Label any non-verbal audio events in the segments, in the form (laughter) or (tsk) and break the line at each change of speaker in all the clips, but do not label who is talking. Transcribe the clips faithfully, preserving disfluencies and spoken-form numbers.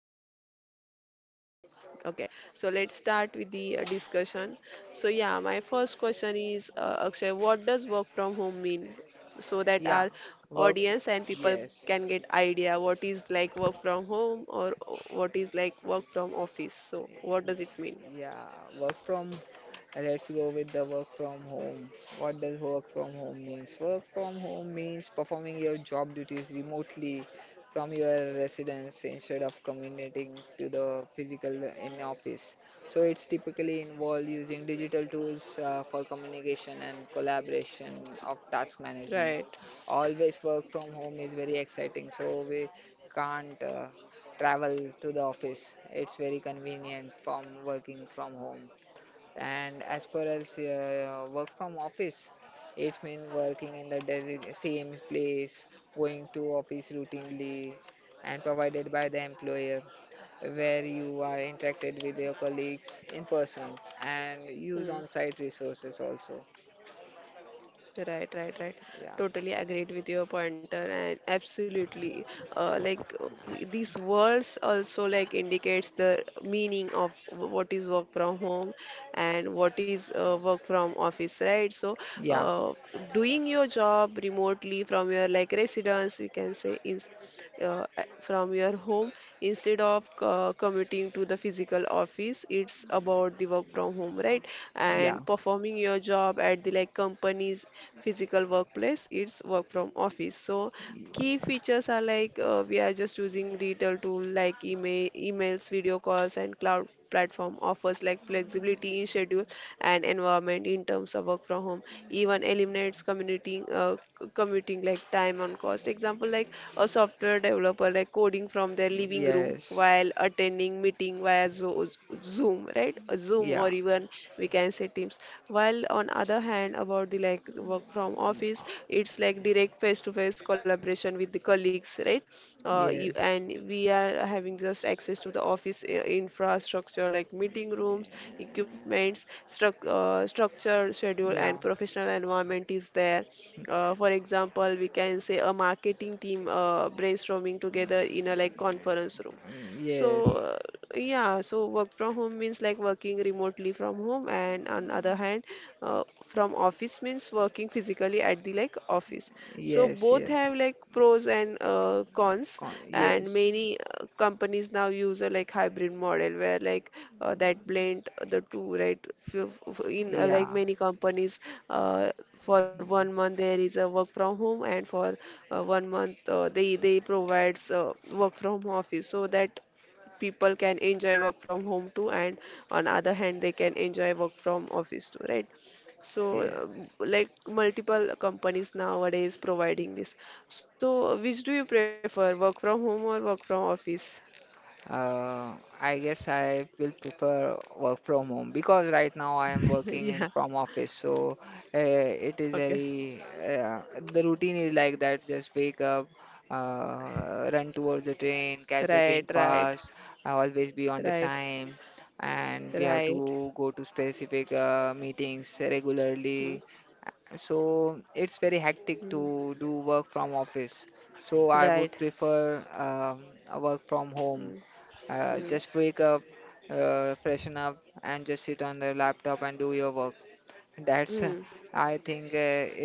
yeah,
right?
totally.
Okay, so let's start with the uh, discussion. So, yeah, my first question is uh, Akshay, what does work from home mean? So that
Yeah.
our
Work.
audience and people
Yes.
can get idea what is like work from home or what is like work from office. So, what does it mean?
Yeah, work from. Let's go with the work from home. What does work from home means? Work from home means performing your job duties remotely from your residence instead of commuting to the physical in office. So it's typically involved using digital tools uh, for communication and collaboration of task management.
Right.
Always work from home is very exciting. So we can't. Uh, travel to the office. It's very convenient from working from home. And as per as uh, work from office, it means working in the desi- same place, going to office routinely, and provided by the employer, where you are interacted with your colleagues in persons and use on-site resources also.
Right, right, right.
Yeah,
Totally agreed with your pointer and absolutely. Uh, like uh, we- these words also like indicates the meaning of w- what is work from home and what is uh, work from office, right? So,
yeah,
uh, doing your job remotely from your like residence, we can say, in uh, a- from your home instead of uh, commuting to the physical office, it's about the work from home, right?
yeah.
And performing your job at the like company's physical workplace, it's work from office. So key features are like uh, we are just using digital tool like email, emails, video calls and cloud platform, offers like flexibility in schedule and environment in terms of work from home, even eliminates commuting uh, c- commuting like time on cost. Example like a software developer like coding from their living room
Yes,
while attending meeting via Zo- zoom, right? Zoom or
yeah,
even we can say teams. While on other hand about the like work from office, it's like direct face to face collaboration with the colleagues, right? uh, you,
yes.
and we are having just access to the office i- infrastructure like meeting rooms, equipments, struc- uh, structure, schedule,
Yeah.
and professional environment is there. Uh, for example, we can say a marketing team uh, brainstorming together in a like conference room.
Mm.
So,
Yes,
uh, yeah, so work from home means like working remotely from home, and on other hand, uh, from office means working physically at the like office. So
yes,
both
yes.
have like pros and uh, cons,
Con-
and
yes,
many uh, companies now use a like hybrid model where like uh, that blend the two, right? F- f- In uh, like
yeah,
many companies, uh, for one
mm,
month there is a work from home, and for uh, one month uh, they they provides uh, work from office, so that people can enjoy work from home too and on other hand they can enjoy work from office too, right? So
yeah.
um, like multiple companies nowadays providing this. So which do you prefer, work from home or work from office?
Uh, I guess I will prefer work from home because right now I am
(laughs)
working
Yeah,
in from office, so uh, it is
okay,
very uh, the routine is like that. Just wake up, uh, run towards the train, catch the
right,
train
right,
fast, uh, always be on the
right,
time, and we have
right.
to go to specific uh, meetings
Hmm,
regularly. So it's very hectic
hmm.
to do work from office. So I would
Right.
prefer um, a work from home,
Hmm,
uh,
hmm,
just wake up, uh, freshen up, and just sit on the laptop and do your work. That's, uh,
hmm.
I think, uh,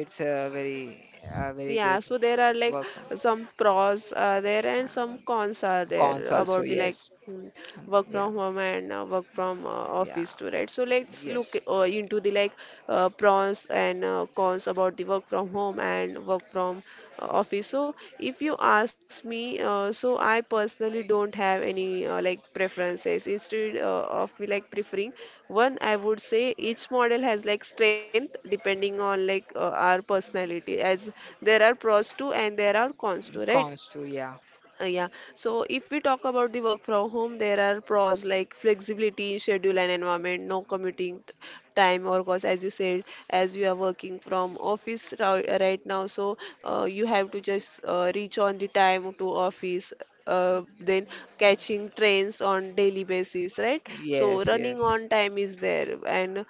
it's a very, a very
Yeah,
good
so there are like
work.
some pros are there and some
Um,
cons are there
Cons also,
about the like
yes.
mm,
Um,
work
Yeah,
from home and uh, work from uh,
yeah,
office too, right? So let's look
yes.
uh, into the like uh, pros and uh, cons about the work from home and work from uh, office coffee. So if you ask me, uh, so I personally don't have any uh, like preferences. Instead uh, of me like preferring one, I would say each model has like strength depending on like uh, our personality, as there are pros to and there are cons to, right?
Cons too, yeah.
Uh, yeah. So if we talk about the work from home, there are pros like flexibility, schedule and environment, no commuting t- time or cost, as you said, as you are working from office ri- right now. So uh, you have to just uh, reach on the time to office. Uh, then catching trains on daily basis, right? So
Yes,
running
yes,
on time is there, and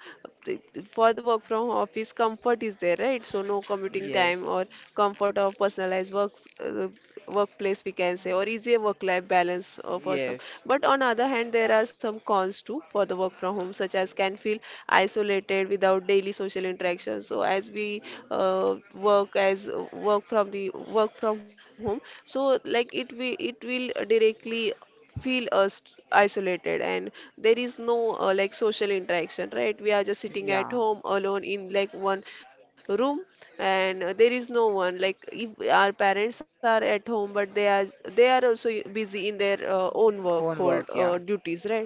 for the work from office comfort is there, right? So no commuting time
yes,
or comfort of personalized work uh, workplace, we can say, or easier work life balance uh, for some.
yes,
But on other hand there are some cons too for the work from home, such as can feel isolated without daily social interaction. So as we uh, work as work from the work from home, so like it we it will directly feel us isolated, and there is no uh, like social interaction, right? We are just sitting
yeah.
at home alone in like one room, and uh, there is no one like if our parents are at home but they are they are also busy in their uh, own work
Own
hold
work,
uh,
yeah,
duties, right?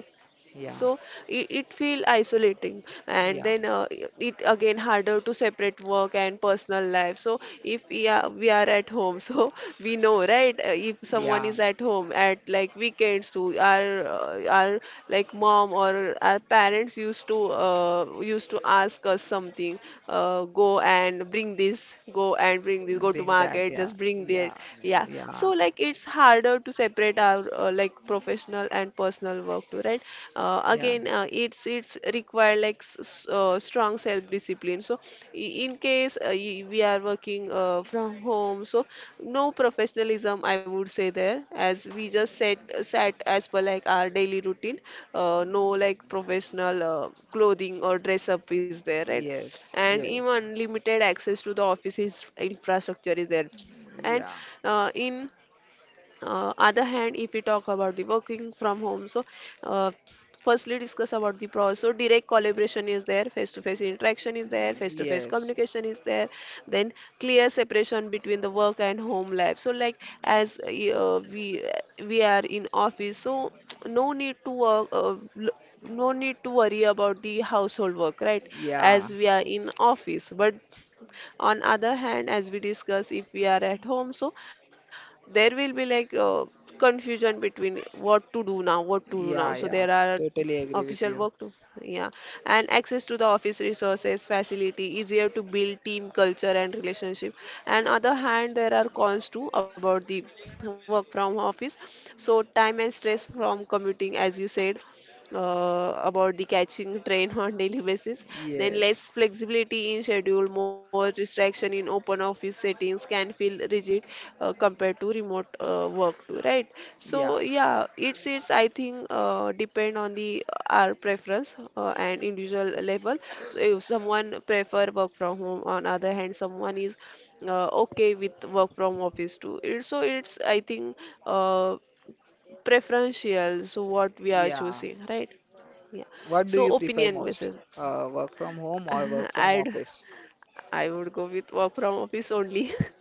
yeah,
So it, it feel isolating, and
yeah,
then uh, i- it again harder to separate work and personal life. So if we are, we are at home, so (laughs) we know, right? Uh, if someone
yeah.
is at home at like weekends too, our uh, our like mom or our parents used to uh, used to ask us something. Uh, go and bring this, go and bring this, go to
Being that,
market,
yeah,
just bring that.
yeah,
Yeah, so
yeah,
like it's harder to separate separate our uh, like professional and personal work too, right? uh,
yeah.
again uh, it's it's require like s- s- uh, strong self discipline. So i- in case uh, y- we are working uh, from home, so no professionalism I would say there, as we just set set as per like our daily routine. Uh, no like professional uh, clothing or dress up is there, right?
Yes,
And
yes.
even limited access to the office is- infrastructure is there. And
Yeah.
uh, in uh, other hand if we talk about the working from home, so uh, firstly discuss about the pros. So direct collaboration is there, face to face interaction is there, face to face
Yes.
communication is there. Then clear separation between the work and home life, so like as uh, we we are in office, so (tsk) no need to work uh, l- no need to worry about the household work, right?
Yeah.
As we are in office, but on other hand as we discuss if we are at home, so there will be like uh, confusion between what to do now, what to do now. So
Yeah.
there
Yeah.
are
Totally agree with
official
you.
work to, yeah, and access to the office resources facility, easier to build team culture and relationship. And other hand there are cons too about the work from office. So time and stress from commuting as you said uh, about the catching train (laughs) on daily basis. Then
Yes.
less flexibility in schedule, more distraction in open office settings, can feel rigid uh, compared to remote uh, work too, right? So
Yeah.
yeah, it's it's I think uh, depend on the uh, our preference uh, and individual level. So if someone prefer work from home, on other hand someone is uh, okay with work from office too it, so it's I think uh, preferential, so what we are
Yeah.
choosing, right? Yeah.
What do
So
you prefer
opinion
most?
basis.
Uh, work from home or work
(laughs)
from
I'd
office?
I would go with work from office only. (laughs)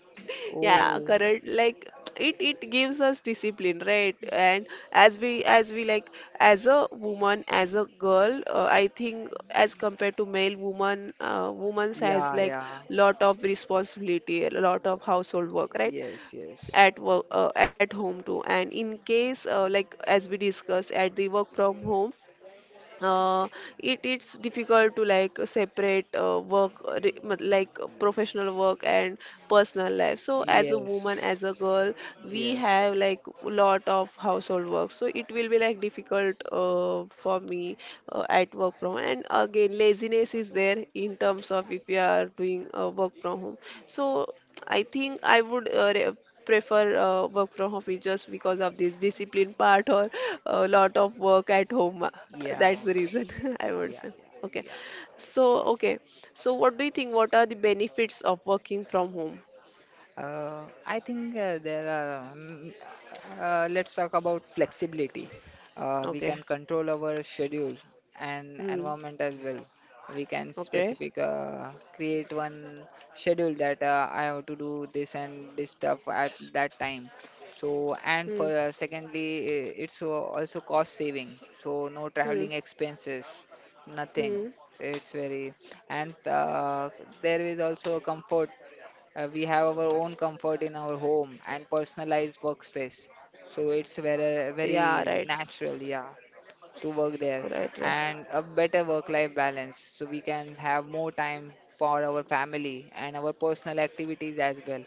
Yeah,
Oh,
correct. Like it it gives us discipline, right? And as we as we like as a woman, as a girl, uh, I think as compared to male woman, uh, woman's has
yeah,
like
yeah.
lot of responsibility, a lot of household work, right?
Yes, yes.
At work uh, at home too. And in case uh, like as we discussed at the work from home, uh, it it's difficult to like separate uh, work uh, re- mat- like uh, professional work and personal life. So as a
Yes,
woman, as a girl, we
yes.
have like lot of household work, so it will be like difficult uh, for me uh, at work from home. And again laziness is there in terms of if you are doing uh, work from home. So I think I would uh, re- prefer uh, work from home just because of this discipline part or a lot of work at home.
Yeah,
That's the reason (laughs) I would
yeah,
say.
yeah,
Okay.
yeah.
So, okay. So, what do you think? What are the benefits of working from home?
Uh, I think uh, there are. Um, uh, let's talk about flexibility. Uh, we can
Okay.
control our schedule and
Hmm.
environment as well. We can
Okay.
specific uh, create one schedule that uh, I have to do this and this stuff at that time. So and
Hmm.
for uh, secondly, i- it's al- also cost saving. So no
Hmm.
traveling expenses, nothing.
Hmm.
It's very, and uh, there is also comfort, uh, we have our own comfort in our home and personalized workspace. So it's very,
Yeah, right.
very natural, yeah, to work there.
Right, right.
And a better work-life balance. So we can have more time for our family and our personal activities as well.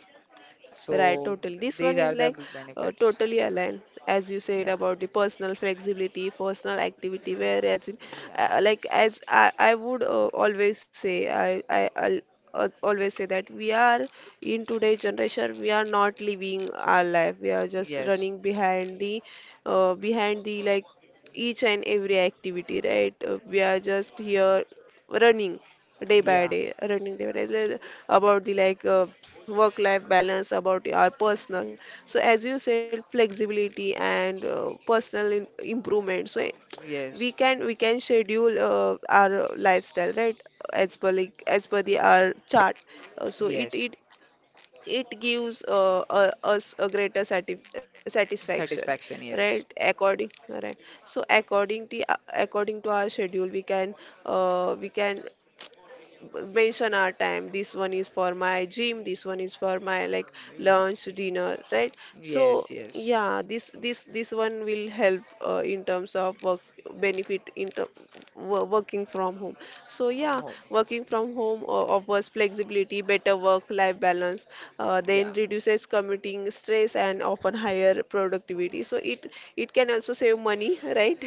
Right,
So
totally. This one
these
is
are the
like uh,
benefits.
totally aligned, as you said
Yeah,
about the personal flexibility, personal activity. Whereas, in,
yeah,
uh, like as I, I would uh, always say, I, I I'll, uh, always say that we are in today's generation, we are not living our life. We are just
yes,
running behind the, uh, behind the like each and every activity, right? Uh, we are just here running day by
yeah,
day running day by day like, about the like uh, work life balance about our personal. So as you said, flexibility and uh, personal in- improvement. So eh, we
yes,
can we can schedule uh, our lifestyle, right? As per like as per the our chart. Uh, so it
yes.
it it gives uh, uh, us a greater satisf- satisfaction,
Satisfaction,
right?
yes.
According right so according to according to our schedule, we can uh, we can mention our time. This one is for my gym, this one is for my like
Mm.
lunch, dinner, right?
Yes,
So
yes.
yeah, this this this one will help uh, in terms of work benefit in ter- wo- working from home. So yeah,
Home,
working from home uh, offers flexibility, better work life balance, uh, then
yeah.
reduces commuting stress and often higher productivity. So it it can also save money (laughs) right.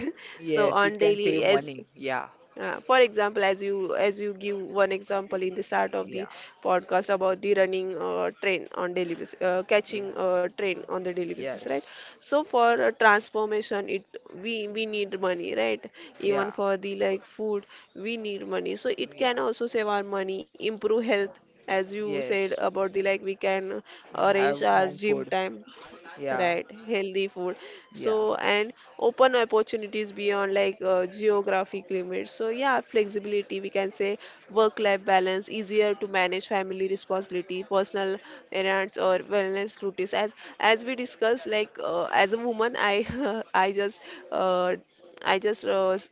So
Yes, it
on
can save
daily, as
money. Yeah.
uh, for example, as you as you give one example in the start of
Yeah.
the podcast about the running uh, train on daily basis, uh,
Yeah.
catching uh, train on the daily basis, right?
Yes.
So for uh, transformation, it we we need money, right?
Yeah.
Even for the like food, we need money. So it
Yeah.
can also save our money, improve health, as you said
Yes.
about the like we can uh, arrange
Have
our
home
gym
food.
time.
Yeah.
Right, healthy food.
Yeah.
So, and open opportunities beyond like uh, geographic limits. So yeah, flexibility, we can say work-life balance, easier to manage family responsibility, personal errands or wellness routines. As as we discussed, like uh, as a woman, I (laughs) I just uh, I just uh, s-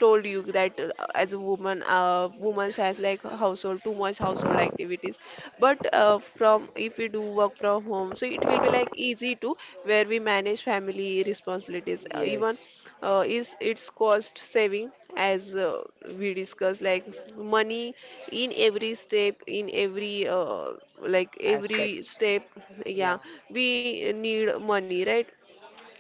told you that uh, as a woman, uh, woman has like household, too much household activities. But uh, from if we do work from home, so it will be like easy to where we manage family responsibilities. Uh, even
Yes.
uh, is its cost saving as uh, we discussed, like money in every step, in every uh, like every
Aspects.
step,
Yeah.
yeah, we need money, right?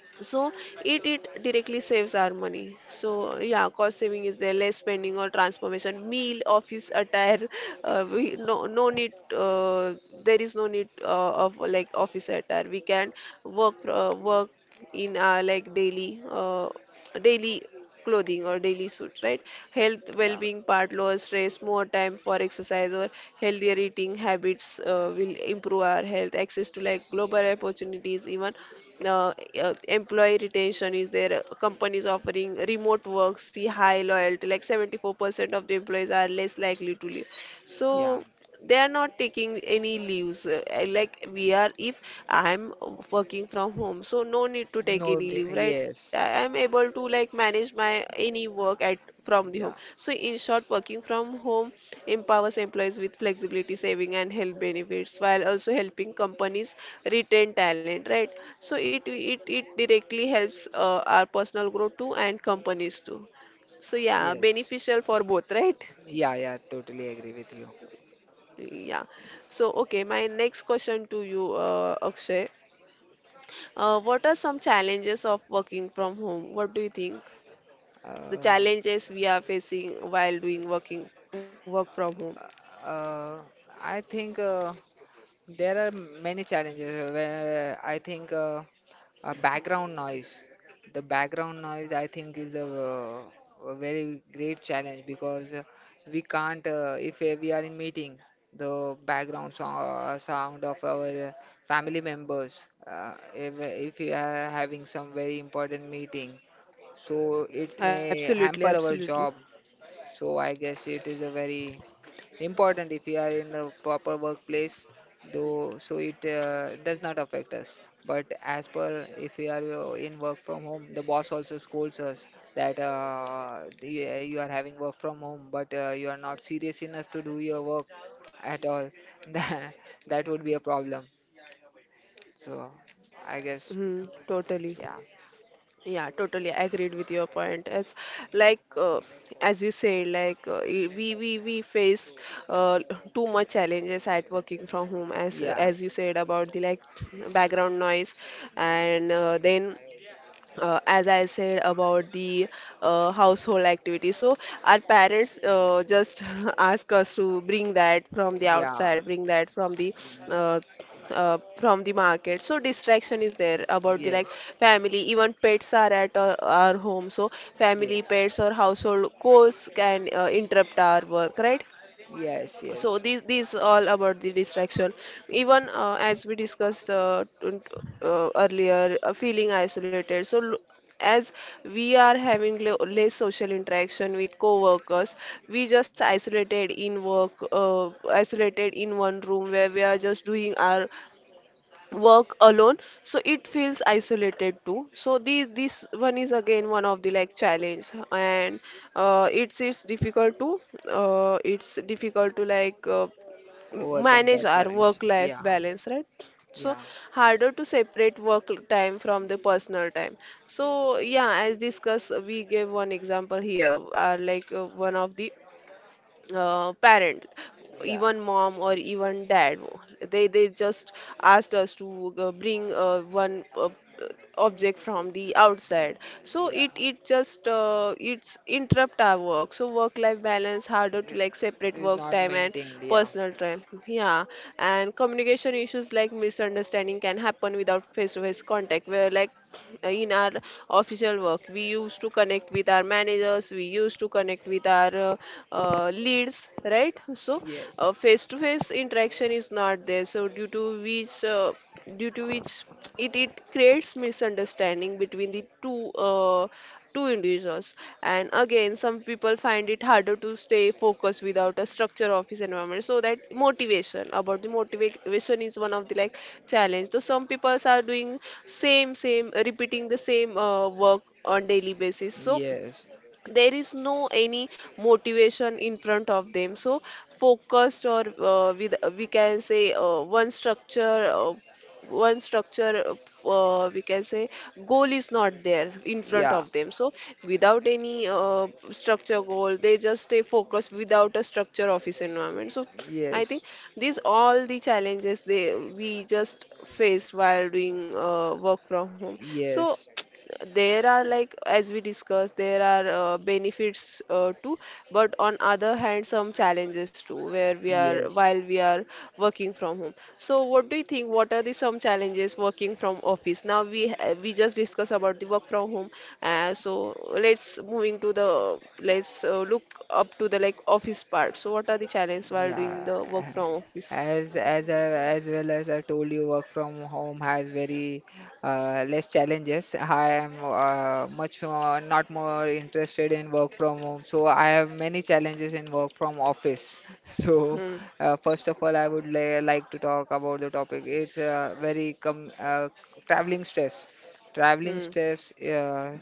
So it it directly saves our money. So yeah, cost saving is there, less spending or transformation, meal, office attire. Uh, we no no need. Uh, there is no need uh, of like office attire. We can work uh, work in our like daily uh, daily clothing or daily suit, right? Health,
Yeah.
well-being part, lower stress, more time for exercise or healthier eating habits uh, will improve our health, access to like global opportunities, even uh, uh, employee retention is there. uh, Companies offering remote work see high loyalty, like seventy-four percent of the employees are less likely to leave.
Yeah.
So they are not taking any leaves. I like we are if I'm working from home, so no need to take
No.
any
di-
leave, right? I
Yes.
am able to like manage my any work at from the home.
Yeah.
So in short, working from home empowers employees with flexibility, saving and health benefits while also helping companies retain talent, right? So it it, it directly helps uh, our personal growth too, and companies too. So yeah,
Yes.
beneficial for both, right?
Yeah. Yeah. Totally agree with you.
Yeah. So okay, my next question to you, uh, Akshay. Uh, what are some challenges of working from home? What do you think? The
Uh,
challenges we are facing while doing working work from home.
uh, I think uh, There are many challenges uh, where I think uh, a background noise, the background noise, I think, is a, uh, a very great challenge, because uh, we can't, uh, if uh, we are in meeting, the background song, uh, sound of our uh, family members, uh, if, if we are having some very important meeting, so it may
Absolutely,
hamper our
absolutely.
job. So I guess it is a very important, if you are in the proper workplace, though, so it uh, does not affect us. But as per if we are uh, in work from home, the boss also scolds us that uh, the, uh, you are having work from home, but uh, you are not serious enough to do your work at all. (laughs) That that would be a problem. So I guess,
Hmm, totally.
yeah,
Yeah, totally agreed with your point. It's like uh, as you said, like uh, i- we we we face uh, too much challenges at working from home, as
yeah,
as you said about the like background noise, and uh, then uh, as I said about the uh, household activities. So our parents uh, just (laughs) ask us to bring that from the
yeah,
outside, bring that from the uh, uh, from the market. So distraction is there about the like
yes,
family. Even pets are at uh, our home. So family,
yes,
pets, or household chores can uh, interrupt our work, right?
yes,
So
yes.
these these all about the distraction. Even uh, as we discussed uh, t- uh, earlier, uh, feeling isolated. So l- as we are having le- less social interaction with co-workers, we just isolated in work uh, isolated in one room where we are just doing our work alone. So it feels isolated too. So this this one is again one of the like challenge, and uh, it's it's difficult to uh, it's difficult to like uh,
Overcome
manage
that
our work
challenge.
life
Yeah,
balance, right? So
yeah,
harder to separate work time from the personal time. So yeah, as discussed, we gave one example here are like uh, one of the uh, parent,
yeah,
even mom or even dad, they they just asked us to uh, bring uh, one uh, object from the
yeah,
outside. So
yeah.
it it just uh, it's interrupt our work. So work life balance, harder to like separate
It
separate
is
work
not
time and
maintained. Yeah,
personal time. Yeah, and communication issues like misunderstanding can happen without face-to-face contact, where like in our official work, we used to connect with our managers, we used to connect with our uh, uh, leads, right? So uh,
yes,
face-to-face interaction is not there. So due to which uh, due to which it, it creates misunderstanding between the two uh, to individuals. And again, some people find it harder to stay focused without a structure office environment. So that motivation, about the motivation is one of the like challenge. So some people are doing same same repeating the same uh, work on daily basis. So
yes,
there is no any motivation in front of them. So focused or uh, with we can say uh, one structure uh, one structure uh, we can say goal is not there in front
yeah,
of them. So without any uh, structure goal, they just stay focused without a structure office environment. So I think
yes,
these all the challenges they we just face while doing uh, work from home. So
yes,
there are like as we discussed, there are uh, benefits uh, too, but on other hand, some challenges too where we are
yes.
while we are working from home. So what do you think, what are the some challenges working from office? Now we ha- we just discussed about the work from home. Uh, so let's moving to the let's uh, look up to the like office part. So what are the challenges while doing
Yeah,
the work from office?
as as I- as well as I told you, work from home has very uh, less challenges. I am uh, much more, not more interested in work from home, so I have many challenges in work from office. (laughs) So,
Hmm,
uh, first of all, I would li like to talk about the topic. It's uh, very com uh, traveling stress. Traveling
hmm,
stress uh,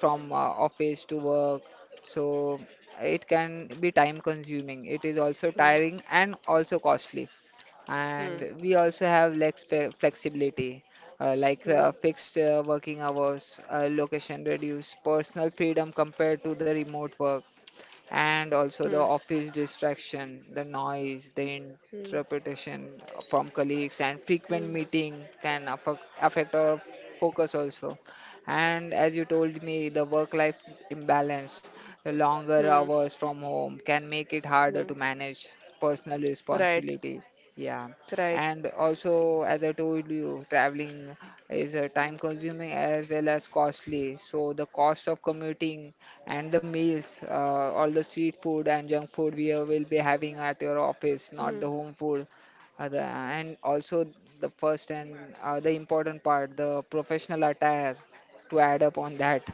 from uh, office to work, so it can be time consuming. It is also
hmm,
tiring and also costly.
hmm,
And we also have less pe- flexibility, uh, like
hmm,
uh, fixed uh, working hours, uh, location reduced, personal freedom compared to the remote work, and
hmm,
also the office distraction, the noise, the
hmm,
interpretation from colleagues, and
hmm,
frequent meeting can affect, affect our focus also. And as you told me, the work-life imbalance, the longer
hmm,
hours from home can make it harder
hmm.
to manage personal
Right,
responsibility. Yeah,
right.
and also as I told you, traveling is uh, time consuming as well as costly, so the cost of commuting and the meals, uh, all the street food and junk food we uh, will be having at your office, not the
Hmm,
home food, uh, the, and also the first and uh, the important part, the professional attire, to add up on that,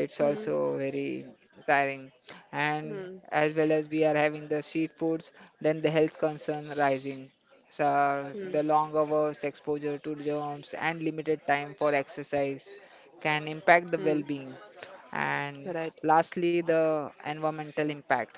it's
hmm,
also very tiring, and
hmm,
as well as we are having the street foods, then the health concern rising, so
hmm,
the long hours, exposure to germs, and limited time for exercise can impact the
hmm.
well-being. And
Right,
lastly, the environmental impact.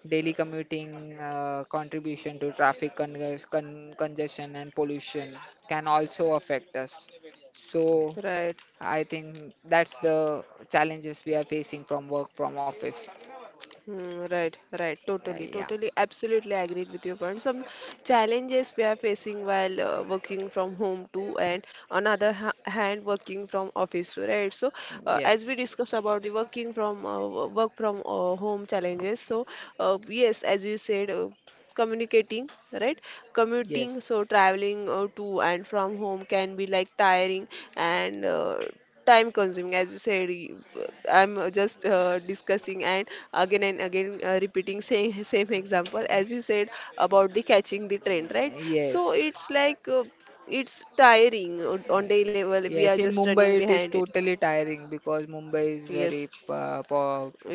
Daily commuting uh, contribution to traffic con- con- congestion and pollution can also affect us. So
right.
I think that's the challenges we are facing from work from office.
Mm, right, right,
Yeah,
totally,
yeah.
totally, absolutely agreed with your point. Some challenges we are facing while uh, working from home too, and on other ha hand, working from office too, right? So, uh, as we
Yes,
discuss about the working from uh, wo- work from uh, home challenges, so uh, yes, as you said, uh, communicating. Right, commuting,
yes,
so traveling uh, to and from home can be like tiring, and uh, time consuming as you said. Y- I'm uh, Just uh, discussing and again and again uh, repeating same same example as you said about the catching the trend, right? So
yes.
it's like uh, it's tiring uh, on day level, we are
Yes, in
just running
Mumbai it is
behind it.
totally tiring because Mumbai is very
Yes,
uh, po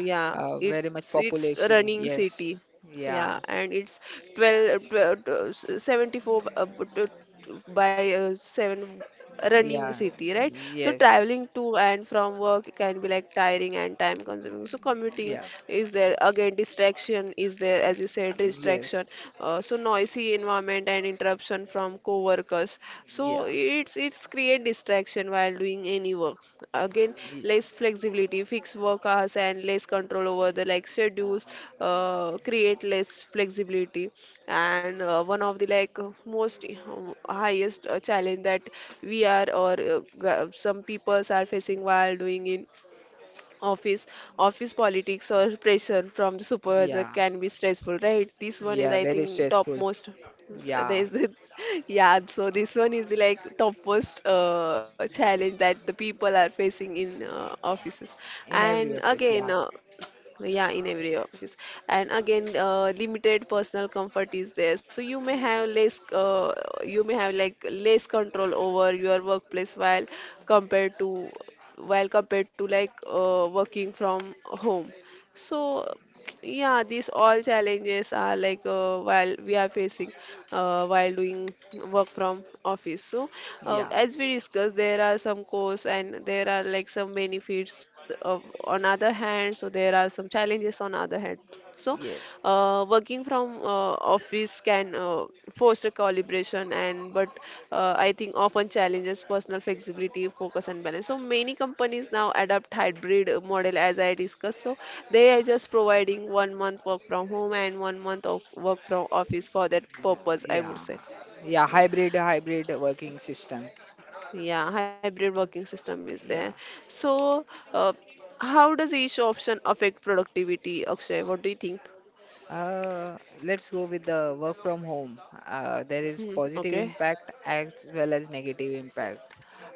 yeah,
uh, very
it's
much
it's a
population.
running
Yes.
city. Yeah,
Yeah.
and it's 12, twelve uh, seventy-four uh, b- t- t- by uh, seven running
Yeah.
city, right? So
Yes.
traveling to and from work can be like tiring and time consuming. So commuting
Yeah.
is there. Again, distraction is there, as you said,
Yes.
distraction? Uh, so noisy environment and interruption from co-workers.
Yeah.
So it's it's create distraction while doing any work. Again,
Yeah.
less flexibility, fixed work hours, and less control over the like schedules uh, create less flexibility. And uh, one of the like most uh, highest uh, challenge that we are or uh, g- some peoples are facing while doing in office office politics or pressure from the supervisor
Yeah.
can be stressful, right? This one is,
Yeah.
I
Very
think,
stressful.
topmost.
Yeah.
There's the (laughs) Yeah, so this one is the like topmost uh, challenge that the people are facing in uh, offices.
In
And
every office.
again
Yeah.
uh, Yeah, in every office. And again, uh, limited personal comfort is there. So you may have less, uh, you may have like less control over your workplace while compared to, while compared to like uh, working from home. So yeah, these all challenges are like uh, while we are facing uh, while doing work from office. So, uh,
Yeah.
as we discussed, there are some cons and there are like some benefits of, on other hand. So there are some challenges on other hand. So,
Yes.
uh, working from uh, office can uh, foster collaboration and but uh, I think often challenges personal flexibility, focus and balance. So many companies now adopt hybrid model, as I discussed. So they are just providing one month work from home and one month of work from office for that purpose, I would
Yeah.
say.
Yeah.
Yeah,
Hybrid hybrid working system.
yeah, hybrid working system is there.
Yeah.
So, uh, how does each option affect productivity, Akshay? What do you think?
Uh, let's go with the work from home. Uh, there is
Hmm,
positive
okay,
impact as well as negative impact.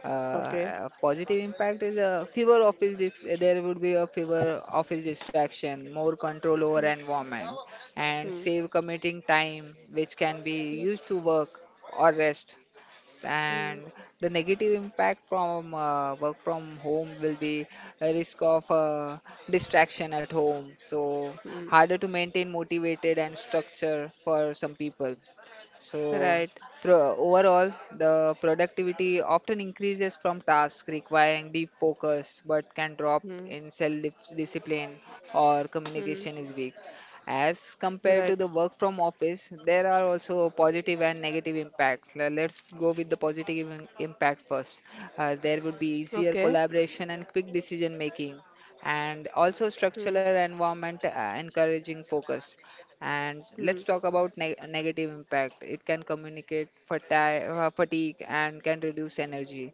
Uh,
okay.
uh, positive impact is a fewer office. Dis There would be a fewer office distraction, more control over
Mm,
environment, and
mm,
save commuting time, which can be
mm,
used to work or rest,
mm,
and the negative impact from uh, work from home will be a risk of uh, distraction at home, so
mm.
harder to maintain motivated and structure for some people. So,
Right.
pro- overall, the productivity often increases from tasks requiring deep focus but can drop
Mm,
in self dis- discipline or
mm,
communication is weak. As compared to
right.
the work from office, there are also positive and negative impacts. Le- Let's go with the positive im- impact first. Uh, there would be
Okay.
easier collaboration and quick decision making, and also
Mm,
structural environment uh, encouraging focus. And
mm.
let's talk about neg negative impact. It can communicate fati- uh, fatigue and can reduce energy.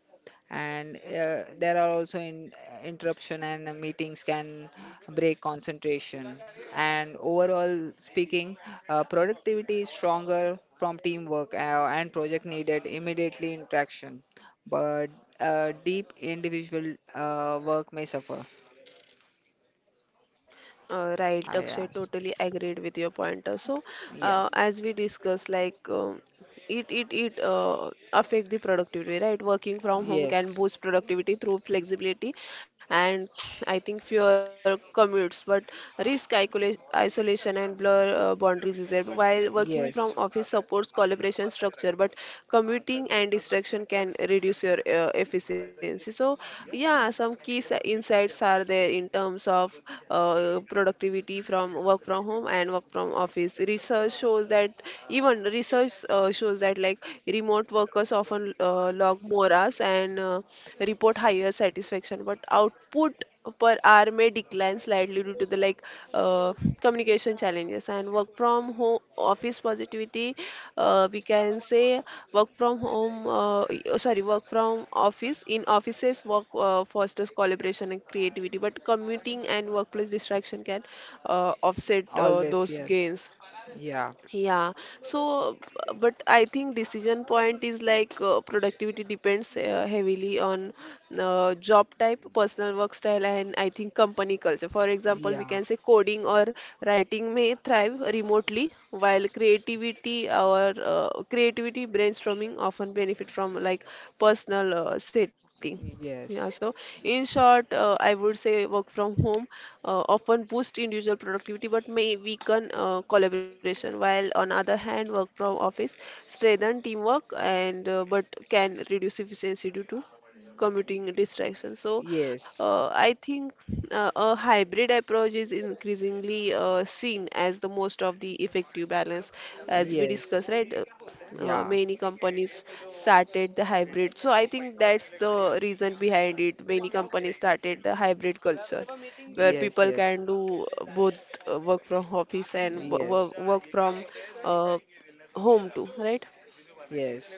And uh, there are also in interruption and uh, meetings can break concentration. And overall speaking, uh, productivity is stronger from teamwork uh, and project needed immediately interaction. But uh, deep individual uh, work may suffer.
Uh, right,
Ah, yeah.
Akshay, totally agreed with your point. Uh, So,
Yeah.
uh, as we discussed, like um, it it it uh, affect the productivity, right? Working from home
Yes.
can boost productivity through flexibility and I think fewer commutes, but risk icola- isolation and blur uh, boundaries is there. While working from
Yes.
office supports collaboration structure structure, but commuting and distraction can reduce your uh, efficiency. So yeah,
Yeah.
some key s- insights are there in terms of uh, productivity from work from home and work from office. Research shows that, even research uh, shows that, like, remote workers often uh, log more hours and uh, report higher satisfaction, but out output per hour may decline slightly due to the, like, uh, communication challenges. And work from home office positivity, uh, we can say, work from home uh, y- uh, sorry, work from office, in offices, work uh, fosters collaboration and creativity, but commuting and workplace distraction can uh, offset uh,
Always,
those
yes.
gains.
Yeah.
Yeah, so uh, but I think decision point is, like, uh, productivity depends uh, heavily on uh, job type, personal work style, and I think company culture. For example, we
Yeah.
can say coding or writing may thrive remotely, while creativity or uh, creativity brainstorming often benefit from, like, personal uh, setting. Yeah,
Yes.
so in short, uh, I would say work from home uh, often boost individual productivity but may weaken uh, collaboration, while on other hand, work from office strengthen teamwork and uh, but can reduce efficiency due to commuting distractions. So
Yes.
uh, I think uh, a hybrid approach is increasingly uh, seen as the most of the effective balance, as we
Yes.
discussed, right? uh,
Yeah.
many companies started the hybrid. So I think that's the reason behind it. Many companies started the hybrid culture where
Yes,
people
yes.
can do uh, both uh, work from office and wo- work from uh, home too, right?
Yes.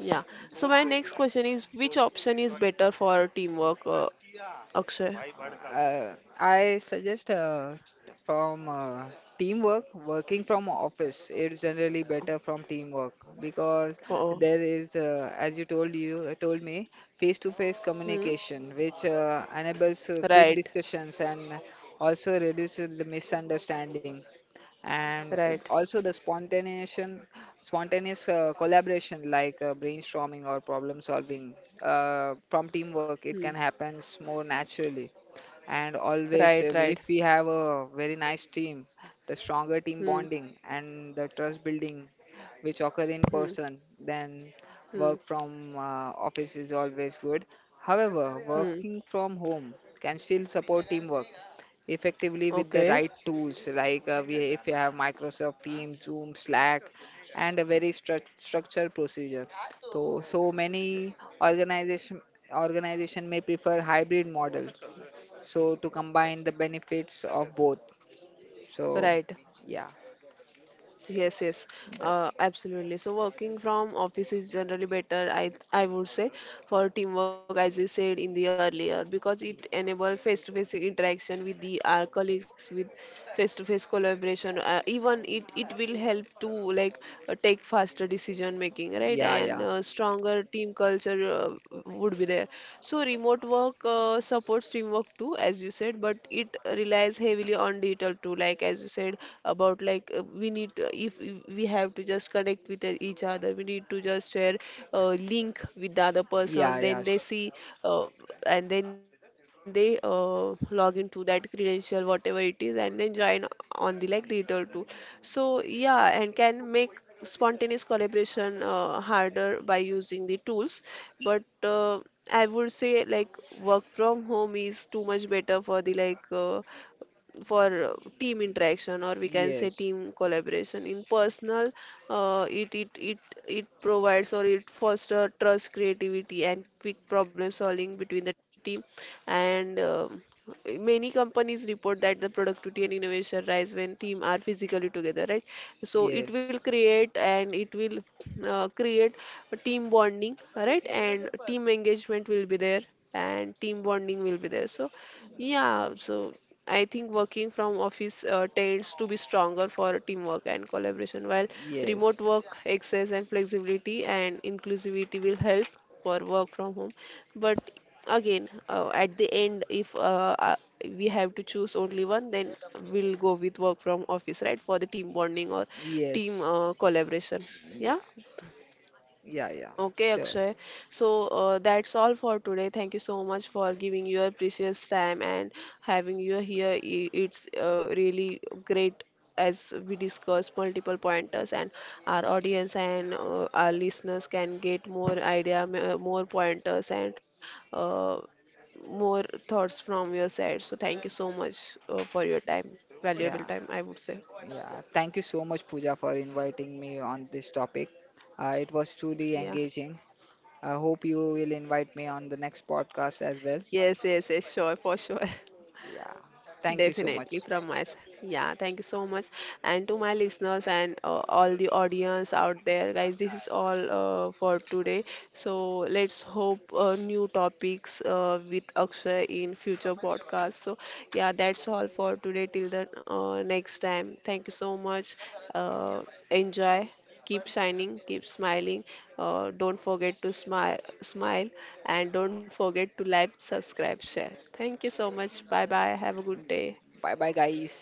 Yeah. So my next question is, which option is better for teamwork, uh, Akshay?
Uh, I suggest, uh, from uh, teamwork, working from office. It's generally better from teamwork, because
Oh, oh.
there is, uh, as you told you uh, told me, face-to-face
Hmm.
communication, which uh, enables uh, quick
Right,
discussions and also reduces the misunderstanding. And
right.
also the spontaneous, spontaneous uh, collaboration, like uh, brainstorming or problem solving uh, from teamwork,
Hmm.
it can happen more naturally, and always,
Right,
uh,
right.
if we have a very nice team, the stronger team
Hmm.
bonding and the trust building which occur in
Hmm.
person, then
Hmm.
work from uh, office is always good. However,
Hmm.
working from home can still support teamwork effectively with the
Okay.
right tools, like uh, we, if you have Microsoft Teams, Zoom, Slack, and a very stru- structured procedure. So so many organization organization may prefer hybrid model, so to combine the benefits of both. So
Right.
yeah,
Yes, yes, uh,
that's
absolutely. So working from office is generally better, I I would say, for teamwork, as you said in the earlier, because it enable face-to-face interaction with the our colleagues, with face-to-face collaboration. Uh, even it it will help to, like, uh, take faster decision making, right?
yeah,
And
yeah,
uh, stronger team culture uh, would be there. So remote work uh, supports teamwork too, as you said, but but it relies heavily on digital too, like, as you said about, like, uh, we need to, if we have to just connect with uh, each other, we need to just share uh, link with the other
yeah,
person,
yeah
then they
sh-
see uh, and then they uh, log into that credential, whatever it is, and then join on the, like, digital tool. So yeah, and can make spontaneous collaboration uh, harder by using the tools, but uh, I would say, like, work from home is too much better for the, like, uh, for uh, team interaction, or we can say
yes,
team collaboration in personal. uh, it it it it provides, or it foster, trust, creativity, and quick problem solving between the team. And um, many companies report that the productivity and innovation rise when team are physically together, right? So it
yes,
will create, and it will uh, create a team bonding, right, and team engagement will be there, and team bonding will be there. So yeah, so I think working from office uh, tends to be stronger for teamwork and collaboration, while remote
yes,
work access and flexibility and inclusivity will help for work from home. But again, uh, at the end, if uh, uh, we have to choose only one, then we'll go with work from office, right, for the team bonding or team
yes,
uh, collaboration. Yeah.
yeah, yeah, yeah,
Okay,
sure,
Akshay. So uh, that's all for today. Thank you so much for giving your precious time and having you here. I- It's uh, really great, as we discuss multiple pointers, and our audience and uh, our listeners can get more idea, m- uh, more pointers and uh, more thoughts from your side. So thank you so much uh, for your time, valuable
yeah,
time, I would say.
yeah, thank you so much, Pooja, for inviting me on this topic. Uh, it was truly
Yeah.
engaging. I hope you will invite me on the next podcast as well.
Yes, yes, yes, sure, for sure. (laughs)
Yeah, thank you so much.
Definitely from my side. Yeah, thank you so much. And to my listeners and uh, all the audience out there, guys, this is all uh, for today. So let's hope uh, new topics uh, with Akshay in future podcasts. So yeah, that's all for today. Till the uh, next time, thank you so much. Uh, Enjoy, keep shining, keep smiling. Uh, don't forget to smile, smile, and don't forget to like, subscribe, share. Thank you so much. Bye bye. Have a good day.
Bye bye, guys.